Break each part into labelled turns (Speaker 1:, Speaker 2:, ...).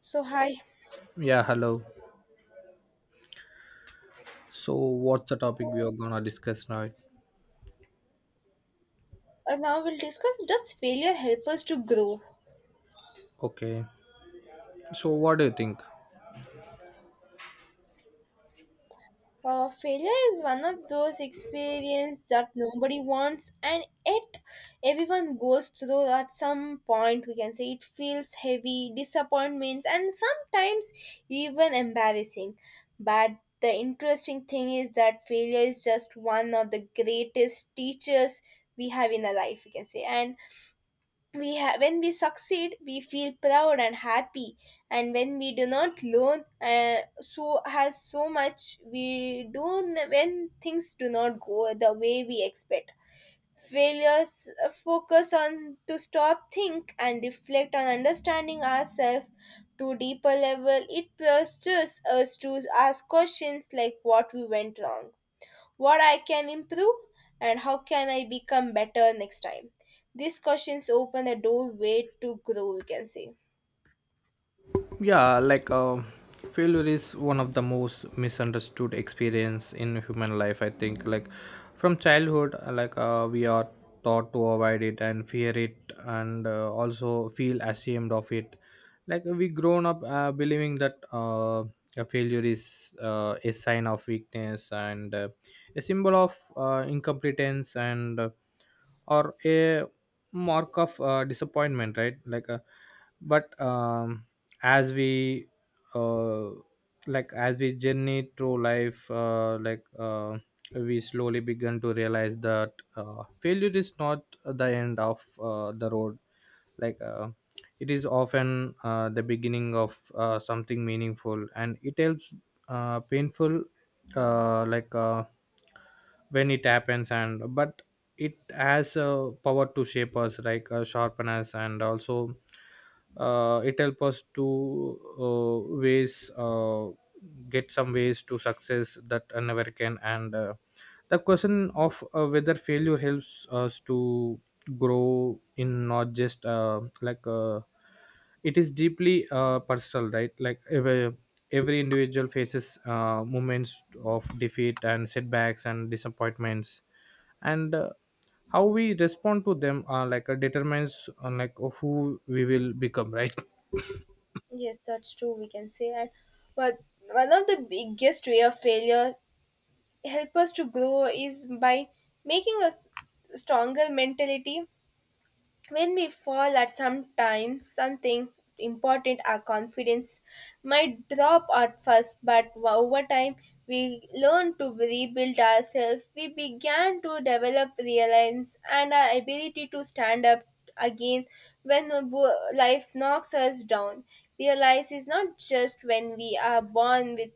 Speaker 1: So, hi.
Speaker 2: Yeah, hello. So, what's the topic we are gonna discuss now?
Speaker 1: Now we'll discuss, does failure help us to grow?
Speaker 2: Okay. So, what do you think?
Speaker 1: Failure is one of those experiences that nobody wants, and yet everyone goes through at some point. We can say it feels heavy, disappointments, and sometimes even embarrassing. But the interesting thing is that failure is just one of the greatest teachers we have in our life, we can say. And when we succeed we feel proud and happy, and when we do not learn so has so much, when things do not go the way we expect, failures focus on to stop, think and reflect on understanding ourselves to deeper level. It pushes us to ask questions like what we went wrong, what I can improve, and how can I become better next time. These questions open a doorway to grow, we can say.
Speaker 2: Yeah, failure is one of the most misunderstood experience in human life. I think from childhood, we are taught to avoid it and fear it, and also feel ashamed of it. Like we grown up believing that a failure is a sign of weakness and a symbol of incompetence and or a mark of disappointment, right? like but As we uh, like as we journey through life we slowly begin to realize that failure is not the end of the road. like uh, it is often the beginning of something meaningful, and it helps painful uh, like uh, when it happens. And but it has a power to shape us, like sharpen us, and also it helps us to ways get some ways to success that I never can. And the question of whether failure helps us to grow in not just it is deeply personal, right? Like every individual faces moments of defeat and setbacks and disappointments, and how we respond to them determines on like who we will become, right?
Speaker 1: Yes, that's true, we can say. And but one of the biggest way of failure help us to grow is by making a stronger mentality. When we fall at sometimes something important, our confidence might drop at first, but over time we learn to rebuild ourselves. We began to develop reliance and our ability to stand up again when life knocks us down. Realize is not just when we are born with,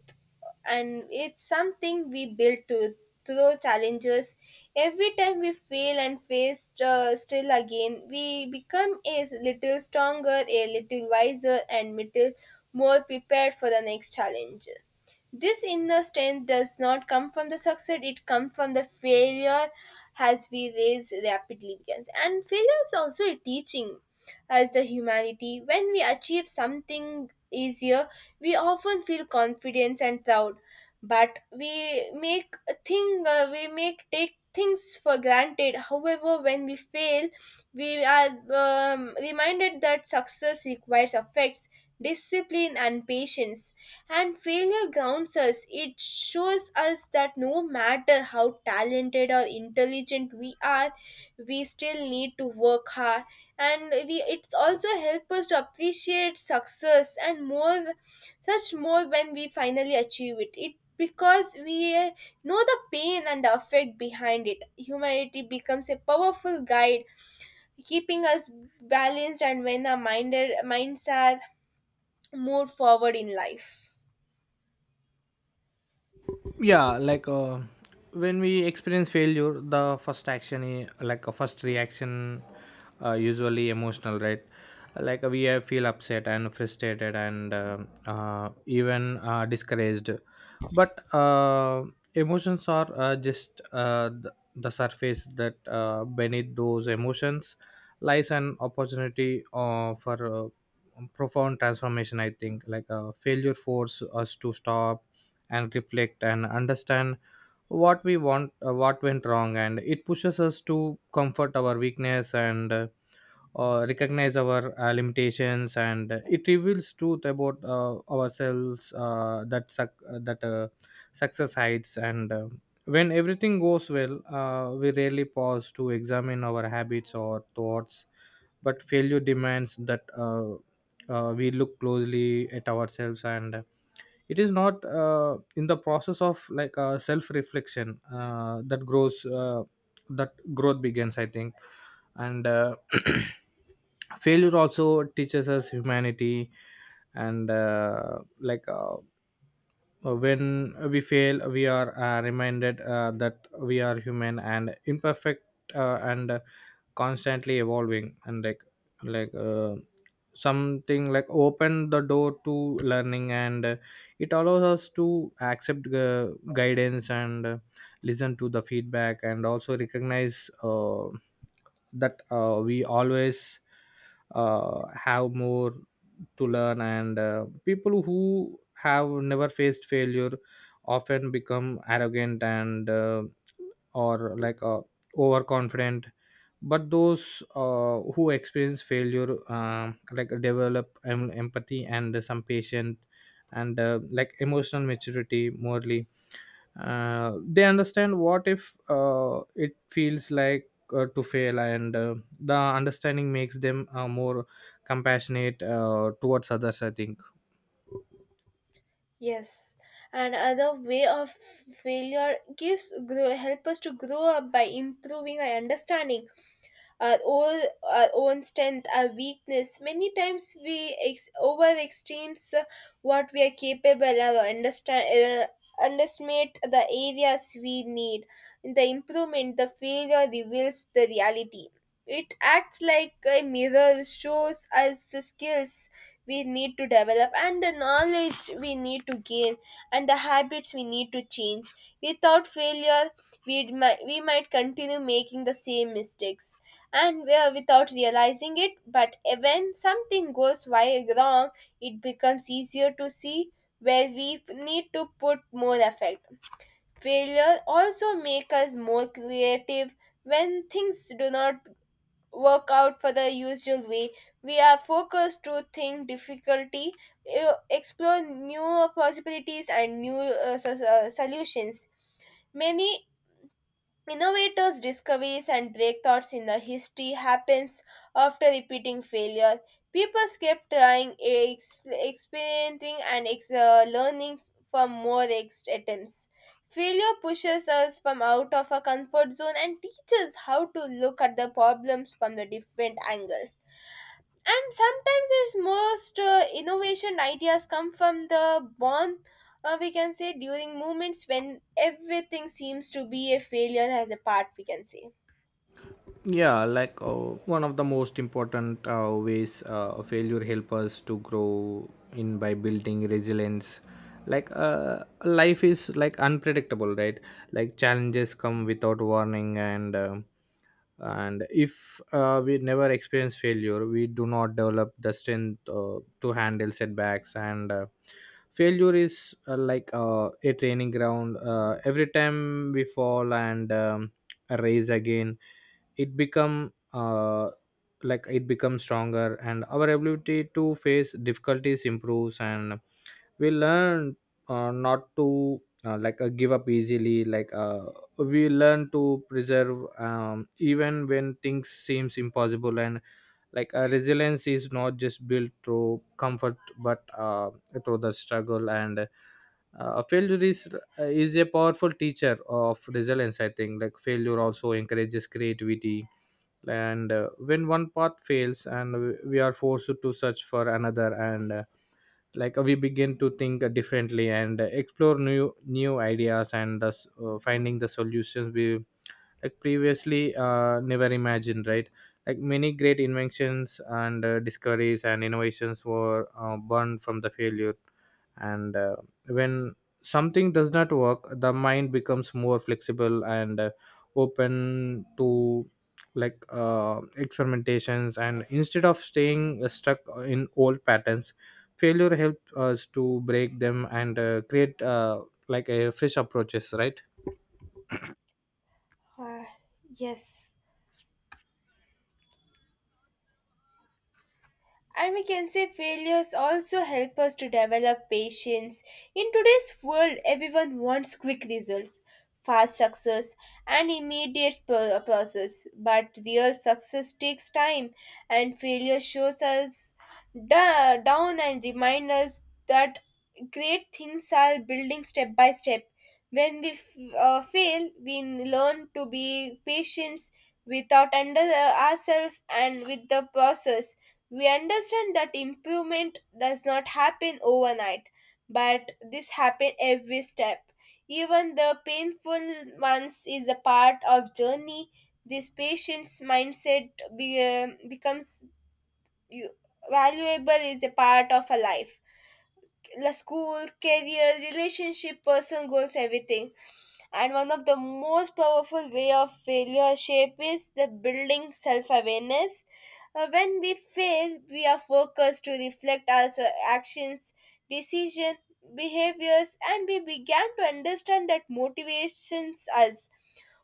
Speaker 1: and it's something we build to through challenges. Every time we fail and face still again, we become a little stronger, a little wiser, and little more prepared for the next challenge. This inner strength does not come from the success, it comes from the failure, as we raise rapidly against. And failure is also a teaching as the humanity. When we achieve something easier, we often feel confident and proud, but we make a thing, we make take things for granted. However, when we fail, we are reminded that success requires effects, discipline, and patience. And failure grounds us. It shows us that no matter how talented or intelligent we are, we still need to work hard. And we it's also help us to appreciate success and more such more when we finally achieve it, it because we know the pain and effort behind it. Humanity becomes a powerful guide keeping us balanced, and when our minded minds are moved forward in life.
Speaker 2: Yeah, when we experience failure, the like a first reaction usually emotional, right? Like we feel upset and frustrated and even discouraged. But emotions are just the surface that beneath those emotions lies an opportunity for profound transformation, I think. Failure force us to stop and reflect and understand what we want, what went wrong, and it pushes us to comfort our weakness and recognize our limitations, and it reveals truth about ourselves that success hides. And when everything goes well, we rarely pause to examine our habits or thoughts, but failure demands that we look closely at ourselves. And it is not in the process of self reflection that growth begins, I think. And Failure also teaches us humanity. And like When we fail, we are reminded that we are human and imperfect and constantly evolving. And like Something like open the door to learning, and it allows us to accept guidance and listen to the feedback, and also recognize that we always have more to learn. And people who have never faced failure often become arrogant and or like overconfident, but those who experience failure develop empathy and some patience and like emotional maturity morally. They understand what if it feels like to fail, and the understanding makes them more compassionate towards others, I think.
Speaker 1: Yes, another way of failure gives grow help us to grow up by improving our understanding our own, our own strength, our weakness. Many times we overestimate what we are capable of, or understand, underestimate the areas we need. In the improvement, the failure reveals the reality. It acts like a mirror, shows us the skills we need to develop and the knowledge we need to gain and the habits we need to change. Without failure, we might continue making the same mistakes and without realizing it. But when something goes wrong, it becomes easier to see where we need to put more effort. Failure also make us more creative. When things do not work out for the usual way, we are focused to think difficulty, explore new possibilities and new solutions. Many Innovators' discoveries and breakthroughs in the history happens after repeating failure. People kept trying, experimenting, and learning from attempts. Failure pushes us from out of our comfort zone and teaches how to look at the problems from the different angles, and sometimes its most innovation ideas come from the bond, we can say, during moments when everything seems to be a failure as a part, we can say.
Speaker 2: Yeah, one of the most important ways failure help us to grow in by building resilience. like uh, Life is like unpredictable, right? Like challenges come without warning, and if we never experience failure, we do not develop the strength to handle setbacks. And failure is a training ground. Every time we fall and raise again, it become like it becomes stronger, and our ability to face difficulties improves, and we learn not to give up easily. We learn to preserve, even when things seems impossible. And resilience is not just built through comfort, but through the struggle. And failure is a powerful teacher of resilience, I think. Like failure also encourages creativity. And when one path fails and we are forced to search for another, and we begin to think differently and explore new ideas, and thus finding the solutions we like previously never imagined, right? Like many great inventions and discoveries and innovations were born from the failure. And when something does not work, the mind becomes more flexible and open to experimentations. And instead of staying stuck in old patterns, failure helps us to break them and create a fresh approaches, right?
Speaker 1: Uh, yes And we can say failures also help us to develop patience. In today's world, everyone wants quick results, fast success, and immediate process. But real success takes time, and failure shows us down and reminds us that great things are building step by step. When we fail, we learn to be patient without under ourselves and with the process. We understand that improvement does not happen overnight, but this happens every step. Even the painful ones is a part of journey. This patient's mindset becomes you, valuable is a part of a life la school, career, relationship, personal goals, everything. And one of the most powerful way of failure shape is the building self-awareness. When we fail, we are focused to reflect our actions, decision, behaviors, and we began to understand that motivations us,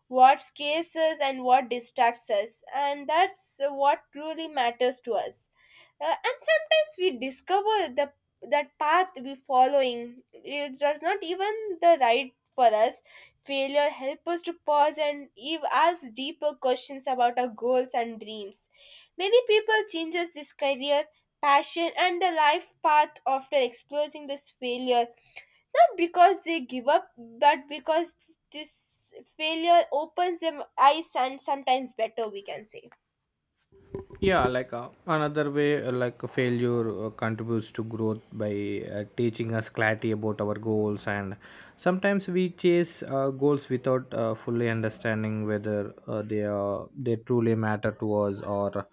Speaker 1: what scares us, and what distracts us, and that's what truly matters to us. And sometimes we discover the that path we're following it does not even the right for us. Failure helps us to pause and ask deeper questions about our goals and dreams. Many people changes this career, passion and the life path after experiencing this failure, not because they give up but because this failure opens them eyes and sometimes better, we can say.
Speaker 2: Yeah, another way failure contributes to growth by teaching us clarity about our goals. And sometimes we chase goals without fully understanding whether they are they truly matter to us, or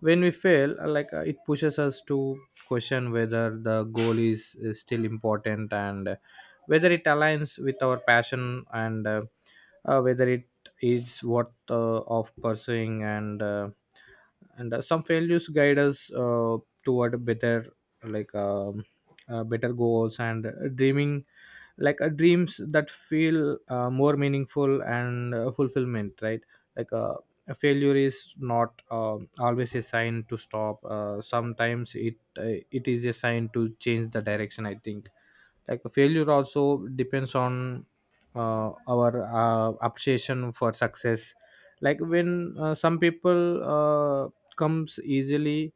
Speaker 2: when we fail, it pushes us to question whether the goal is still important, and whether it aligns with our passion, and whether it is worth of pursuing. And some failures guide us toward better like um, better goals and dreaming, dreams that feel more meaningful and fulfillment, right? like uh, a failure is not always a sign to stop. Sometimes it it is a sign to change the direction, I think. Like failure also depends on our obsession for success. Like when some people uh, comes easily,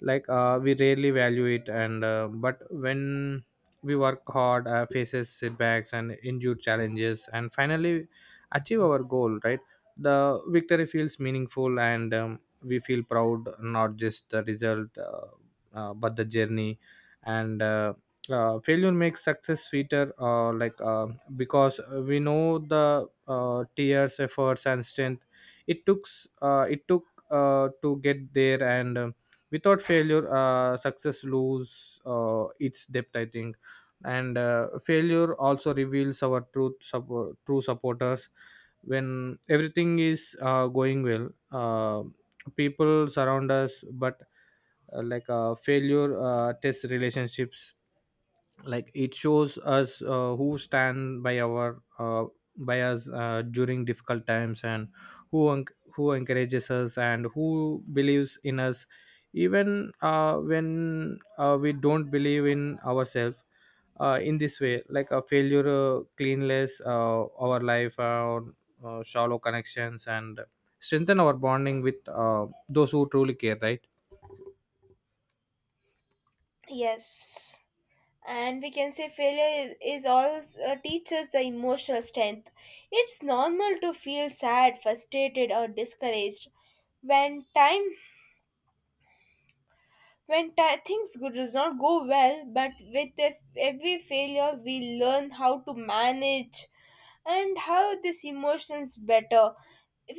Speaker 2: we rarely value it. And uh, but when we work hard, faces setbacks and endure challenges and finally achieve our goal, right? The victory feels meaningful, and we feel proud, not just the result, but the journey. And Failure makes success sweeter. Because we know the tears efforts and strength it took uh, it took to get there. And Without failure, success lose its depth, I think. And failure also reveals our true supporters. When everything is going well, uh, people surround us. But failure tests relationships. Like it shows us who stand by our by us during difficult times, and who who encourages us, and who believes in us even when we don't believe in ourselves. In this way, like a failure cleanless our life shallow connections, and strengthen our bonding with those who truly care, right?
Speaker 1: Yes, and we can say failure is all teaches the emotional strength. It's normal to feel sad, frustrated or discouraged when things does not go well, but with every failure we learn how to manage and how these emotions better.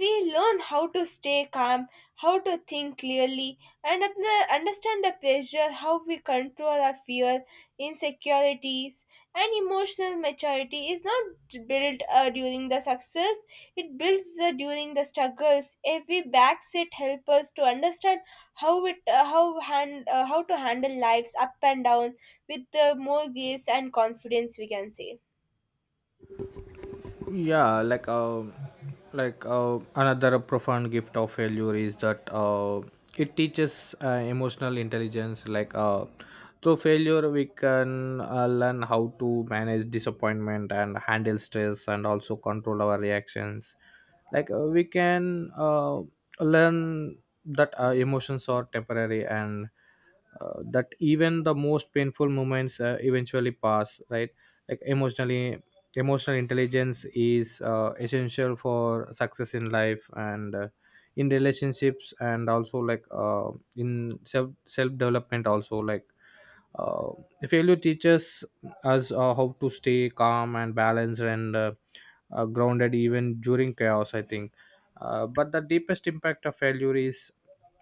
Speaker 1: We learn how to stay calm, how to think clearly, and understand the pressure, how we control our fear, insecurities, and emotional maturity is not built during the success, it builds during the struggles. Every backseat helps us to understand how to handle life's up and down with more grace and confidence, we can say.
Speaker 2: Yeah, another profound gift of failure is that it teaches emotional intelligence. Through failure, we can learn how to manage disappointment and handle stress, and also control our reactions. We can learn that emotions are temporary, and that even the most painful moments eventually pass, right? Like emotional intelligence is essential for success in life, and in relationships, and also in self development also. Uh, Failure teaches us how to stay calm and balanced and grounded even during chaos, I think. But the deepest impact of failure is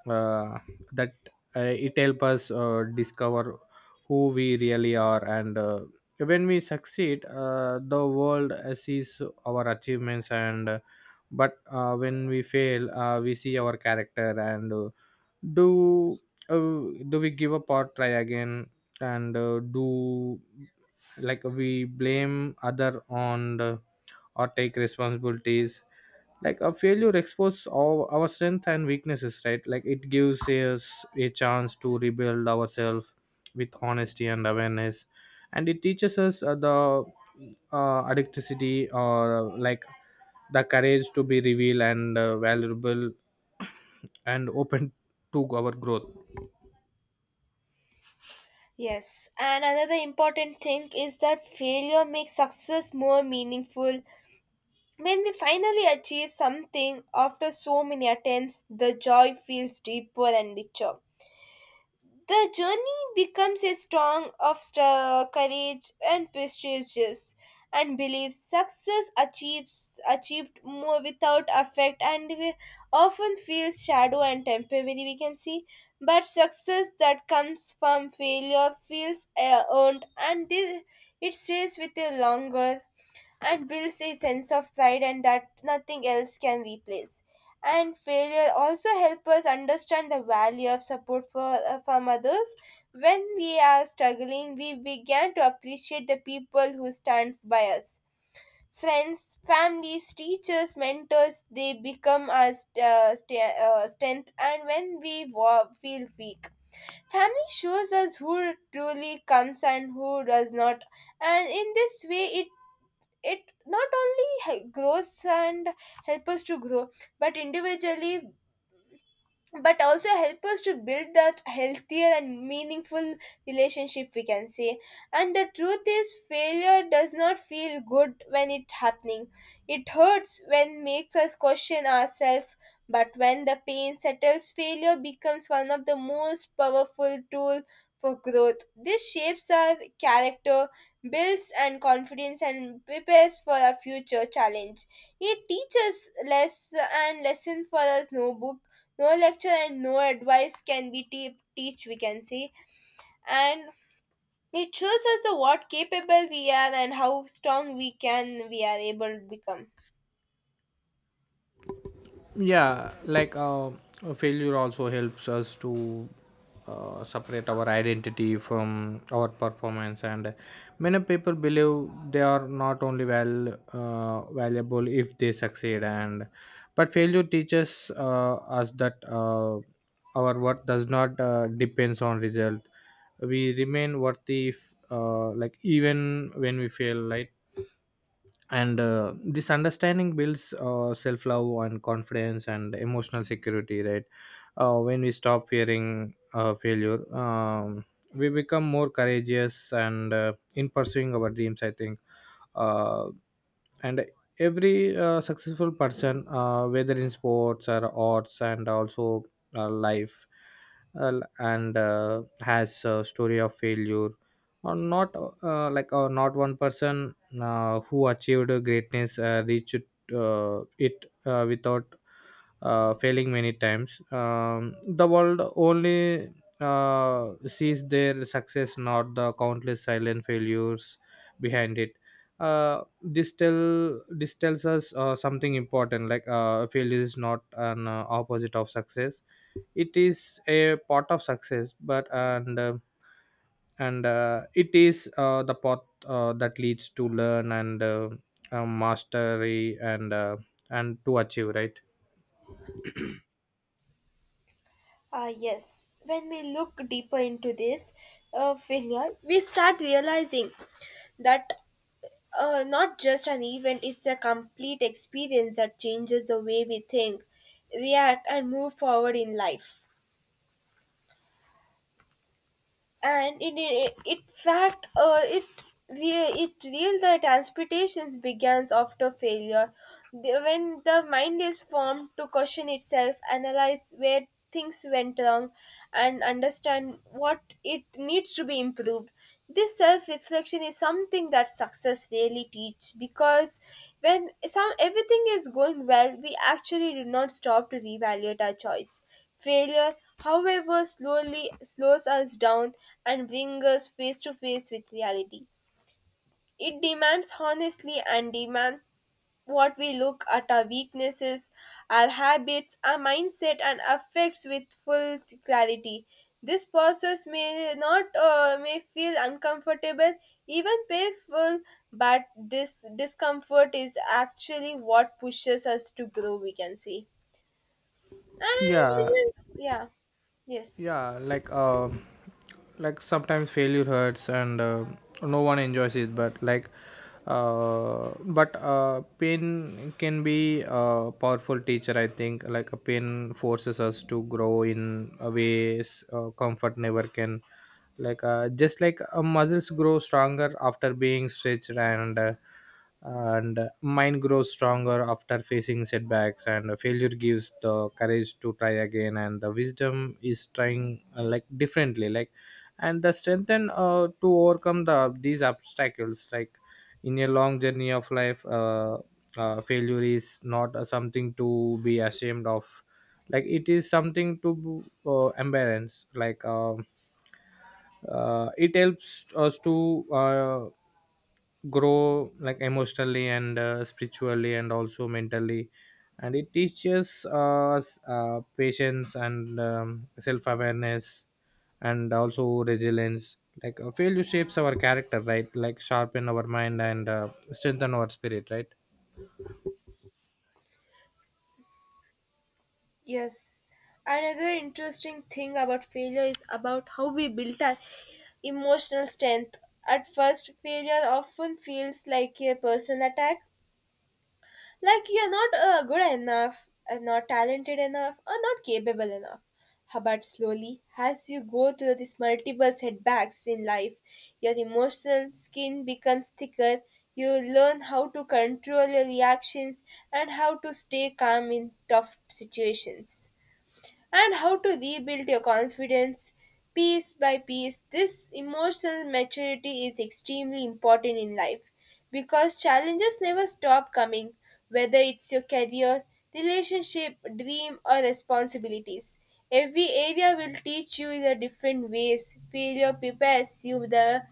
Speaker 2: uh, that uh, it helps us discover who we really are. And when we succeed, the world sees our achievements. And uh, but uh, when we fail, we see our character. And do uh, do we give up or try again, and do like we blame other on the, or take responsibilities? Like a failure exposes our strength and weaknesses, right? Like it gives us a chance to rebuild ourselves with honesty and awareness. And it teaches us the addicticity, or the courage to be revealed and valuable and open to our growth.
Speaker 1: Yes, and another important thing is that failure makes success more meaningful. When we finally achieve something after so many attempts, the joy feels deeper and richer. The journey becomes a strong of courage and prestigious and believes success achieves achieved more without effect, and we often feels shadow and temporary, we can see. But success that comes from failure feels earned, and it stays with you longer and builds a sense of pride and that nothing else can replace. And failure also helps us understand the value of support for, from others. When we are struggling, we begin to appreciate the people who stand by us. Friends, families, teachers, mentors, they become our strength, and when we feel weak, family shows us who truly comes and who does not. And in this way, it not only hel- grows and help us to grow but individually, but also help us to build that healthier and meaningful relationship, we can say. And the truth is failure does not feel good when it happening. It hurts when makes us question ourselves. But when the pain settles, failure becomes one of the most powerful tool for growth. This shapes our character, builds and confidence and prepares for our future challenge. It teaches less and lesson for us no book, no lecture and no advice can be teach, we can say. And it shows us the what capable we are, and how strong we are able to become.
Speaker 2: Yeah, a failure also helps us to separate our identity from our performance. And many people believe they are not only well valuable if they succeed. And but failure teaches us that our worth does not depends on result. We remain worthy if, like even when we fail, right? And this understanding builds self-love and confidence and emotional security, right? When we stop fearing failure, we become more courageous and in pursuing our dreams, I think. Uh, and every successful person, whether in sports or arts, and also life, and has a story of failure. Or not, not one person who achieved greatness reached it without failing many times. The world only sees their success, not the countless silent failures behind it. This tell this tells us something important. Failure is not an opposite of success; it is a part of success, but and it is the path that leads to learn and mastery and to achieve, right?
Speaker 1: Ah, yes, when we look deeper into this failure, we start realizing that not just an event, it's a complete experience that changes the way we think, react and move forward in life. And in fact, it real the transportations begins after failure. The- when the mind is formed to question itself, analyze where things went wrong and understand what it needs to be improved. This self-reflection is something that success really teach, because when some everything is going well, we actually do not stop to reevaluate our choice. Failure, however, slowly slows us down and brings us face to face with reality. It demands honestly and demand what we look at our weaknesses, our habits, our mindset, and affects with full clarity. This process may not may feel uncomfortable, even painful, but this discomfort is actually what pushes us to grow, we can see. And this
Speaker 2: Yeah,
Speaker 1: is, yeah, yes.
Speaker 2: yeah, like sometimes failure hurts, and no one enjoys it, but pain can be a powerful teacher, I think. A pain forces us to grow in a ways comfort never can, just like muscles grow stronger after being stretched, and mind grows stronger after facing setbacks, and failure gives the courage to try again, and the wisdom is trying like differently, and the strength and to overcome these obstacles, like in a long journey of life. Failure is not something to be ashamed of, like it is something to embarrass. It helps us to grow, like emotionally and spiritually and also mentally, and it teaches us patience and self-awareness and also resilience. Failure shapes our character, right? Like sharpen our mind and strengthen our spirit, right?
Speaker 1: Yes. Another interesting thing about failure is about how we built our emotional strength. At first, failure often feels like a personal attack, like you're not good enough, not talented enough, or not capable enough. But slowly, as you go through these multiple setbacks in life, your emotional skin becomes thicker. You learn how to control your reactions and how to stay calm in tough situations and how to rebuild your confidence piece by piece. This emotional maturity is extremely important in life because challenges never stop coming, whether it's your career, relationship, dream, or responsibilities. Every area will teach you in a different ways. Failure prepares you the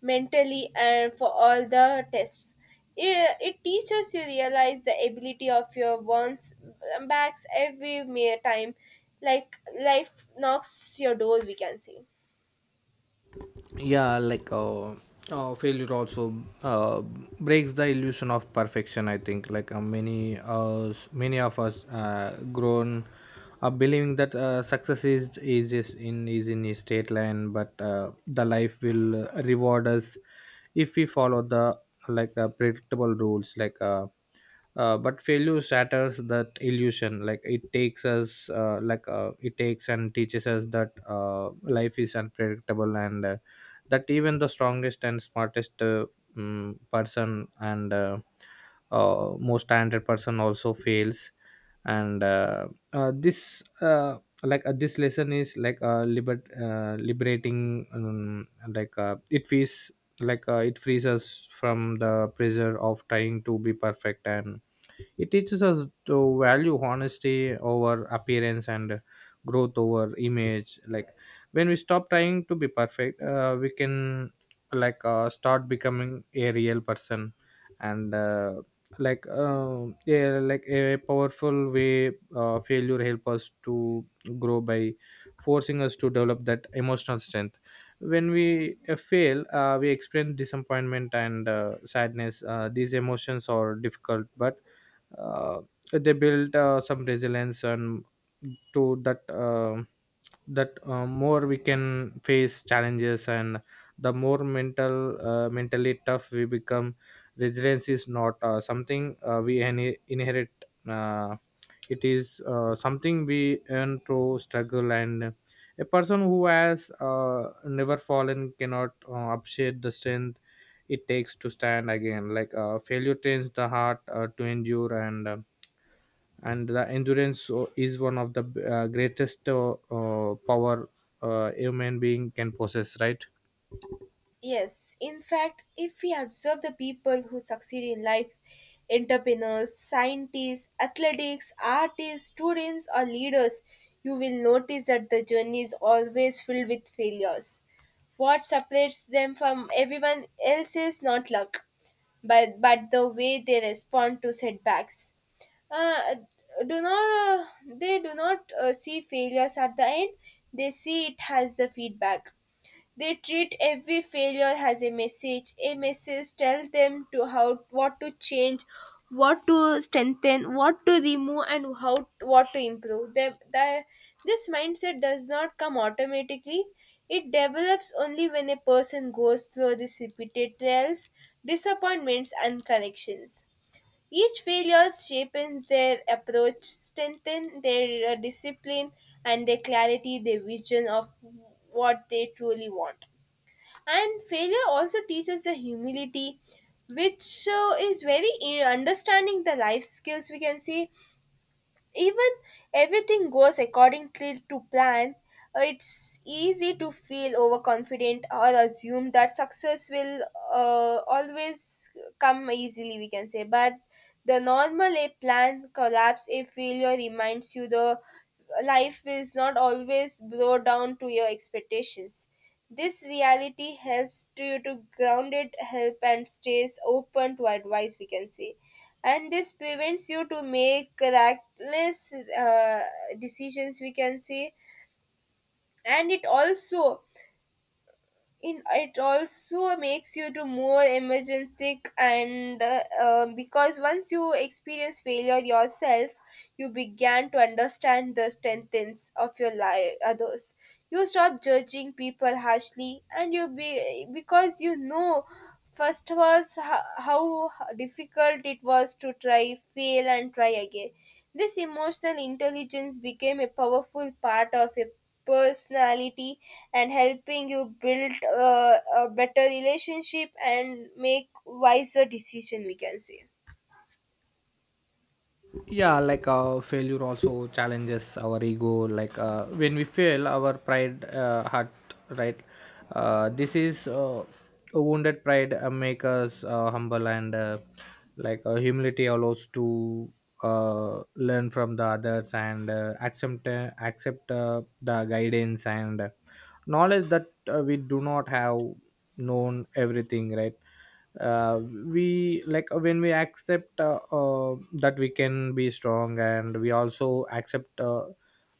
Speaker 1: mentally and for all the tests. It teaches you realize the ability of your bonds backs every mere time, like life knocks your door, we can say.
Speaker 2: Yeah, like failure also uh breaks the illusion of perfection, I think. Like many of us grown believing that success is in a straight line, but the life will reward us if we follow the predictable rules, like but failure shatters that illusion. It takes us, it takes and teaches us that life is unpredictable, and that even the strongest and smartest, person and most talented person also fails. And this like This lesson is liberating. It feels like it frees us from the pressure of trying to be perfect, and it teaches us to value honesty over appearance and growth over image. Like when we stop trying to be perfect, we can start becoming a real person. And like Yeah, like a powerful way, failure help us to grow by forcing us to develop that emotional strength. When we fail, we experience disappointment and sadness. These emotions are difficult, but uh, they built some resilience, and to that more we can face challenges, and the more mental, mentally tough we become. Resilience is not something we inherit. uh, it is something we earn through struggle, and a person who has never fallen cannot appreciate the strength it takes to stand again. Failure trains the heart to endure, and the endurance is one of the greatest power a human being can possess, right?
Speaker 1: Yes. In fact, if we observe the people who succeed in life, entrepreneurs, scientists, athletics, artists, students, or leaders, you will notice that the journey is always filled with failures. What separates them from everyone else is not luck, but the way they respond to setbacks. Uh, do not They do not see failures at the end, they see it as the feedback. They treat every failure as a message. A message tells them to how what to change, what to strengthen, what to remove, and how what to improve. This mindset does not come automatically. It develops only when a person goes through these repeated trials, disappointments, and corrections. Each failure shapes their approach, strengthens their discipline, and their clarity, their vision of what they truly want. And failure also teaches the humility, which is very in understanding the life skills, we can say. Even everything goes accordingly to plan, it's easy to feel overconfident or assume that success will always come easily, we can say. But the normal a plan collapse, a failure reminds you the life is not always blow down to your expectations. This reality helps to you to grounded help and stays open to advice, we can say. And this prevents you to make reckless decisions, we can say. And it also it also makes you to more emergentic and because once you experience failure yourself, you began to understand the strengths of your life others. You stop judging people harshly and you be because you know first was how difficult it was to try, fail and try again. This emotional intelligence became a powerful part of a personality, and helping you build a better relationship and make wiser decision, we can say.
Speaker 2: Yeah, failure also challenges our ego. When we fail, our pride hurt, right? This is a wounded pride, make us humble, and humility allows to learn from the others and accept the guidance and knowledge that we do not have known everything, right? We like When we accept that we can be strong, and we also accept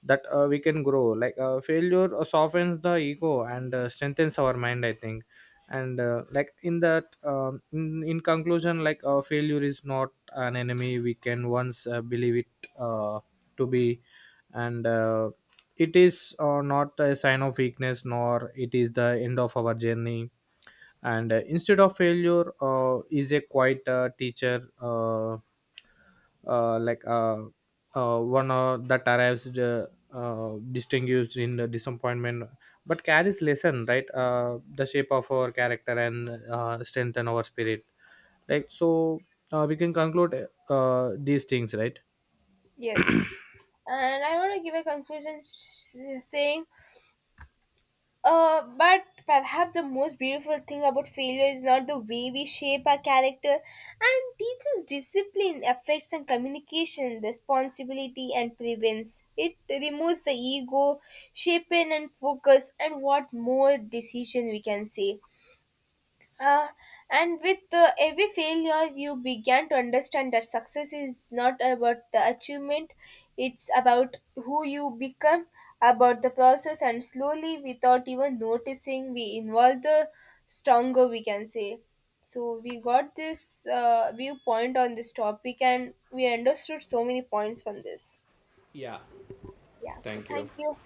Speaker 2: that we can grow. Failure softens the ego and strengthens our mind, I think. And in conclusion, failure is not an enemy we can once believe it to be, and it is not a sign of weakness, nor it is the end of our journey, and instead of failure is a quiet teacher, uh, like uh, one that arrives, distinguished in the disappointment, but carries lesson, right? The shape of our character and strengthen our spirit. So we can conclude these things, right?
Speaker 1: Yes, and I want to give a conclusion saying, but perhaps the most beautiful thing about failure is not the way we shape our character and teaches discipline affects and communication responsibility and prevents it removes the ego shape and focus and what more decision, we can say. Uh, and with every failure, you began to understand that success is not about the achievement, it's about who you become, about the process, and slowly, without even noticing, we involve the stronger, we can say. So, we got this viewpoint on this topic, and we understood so many points from this.
Speaker 2: Yeah.
Speaker 1: Yeah, so
Speaker 2: Thank you.
Speaker 1: thank you.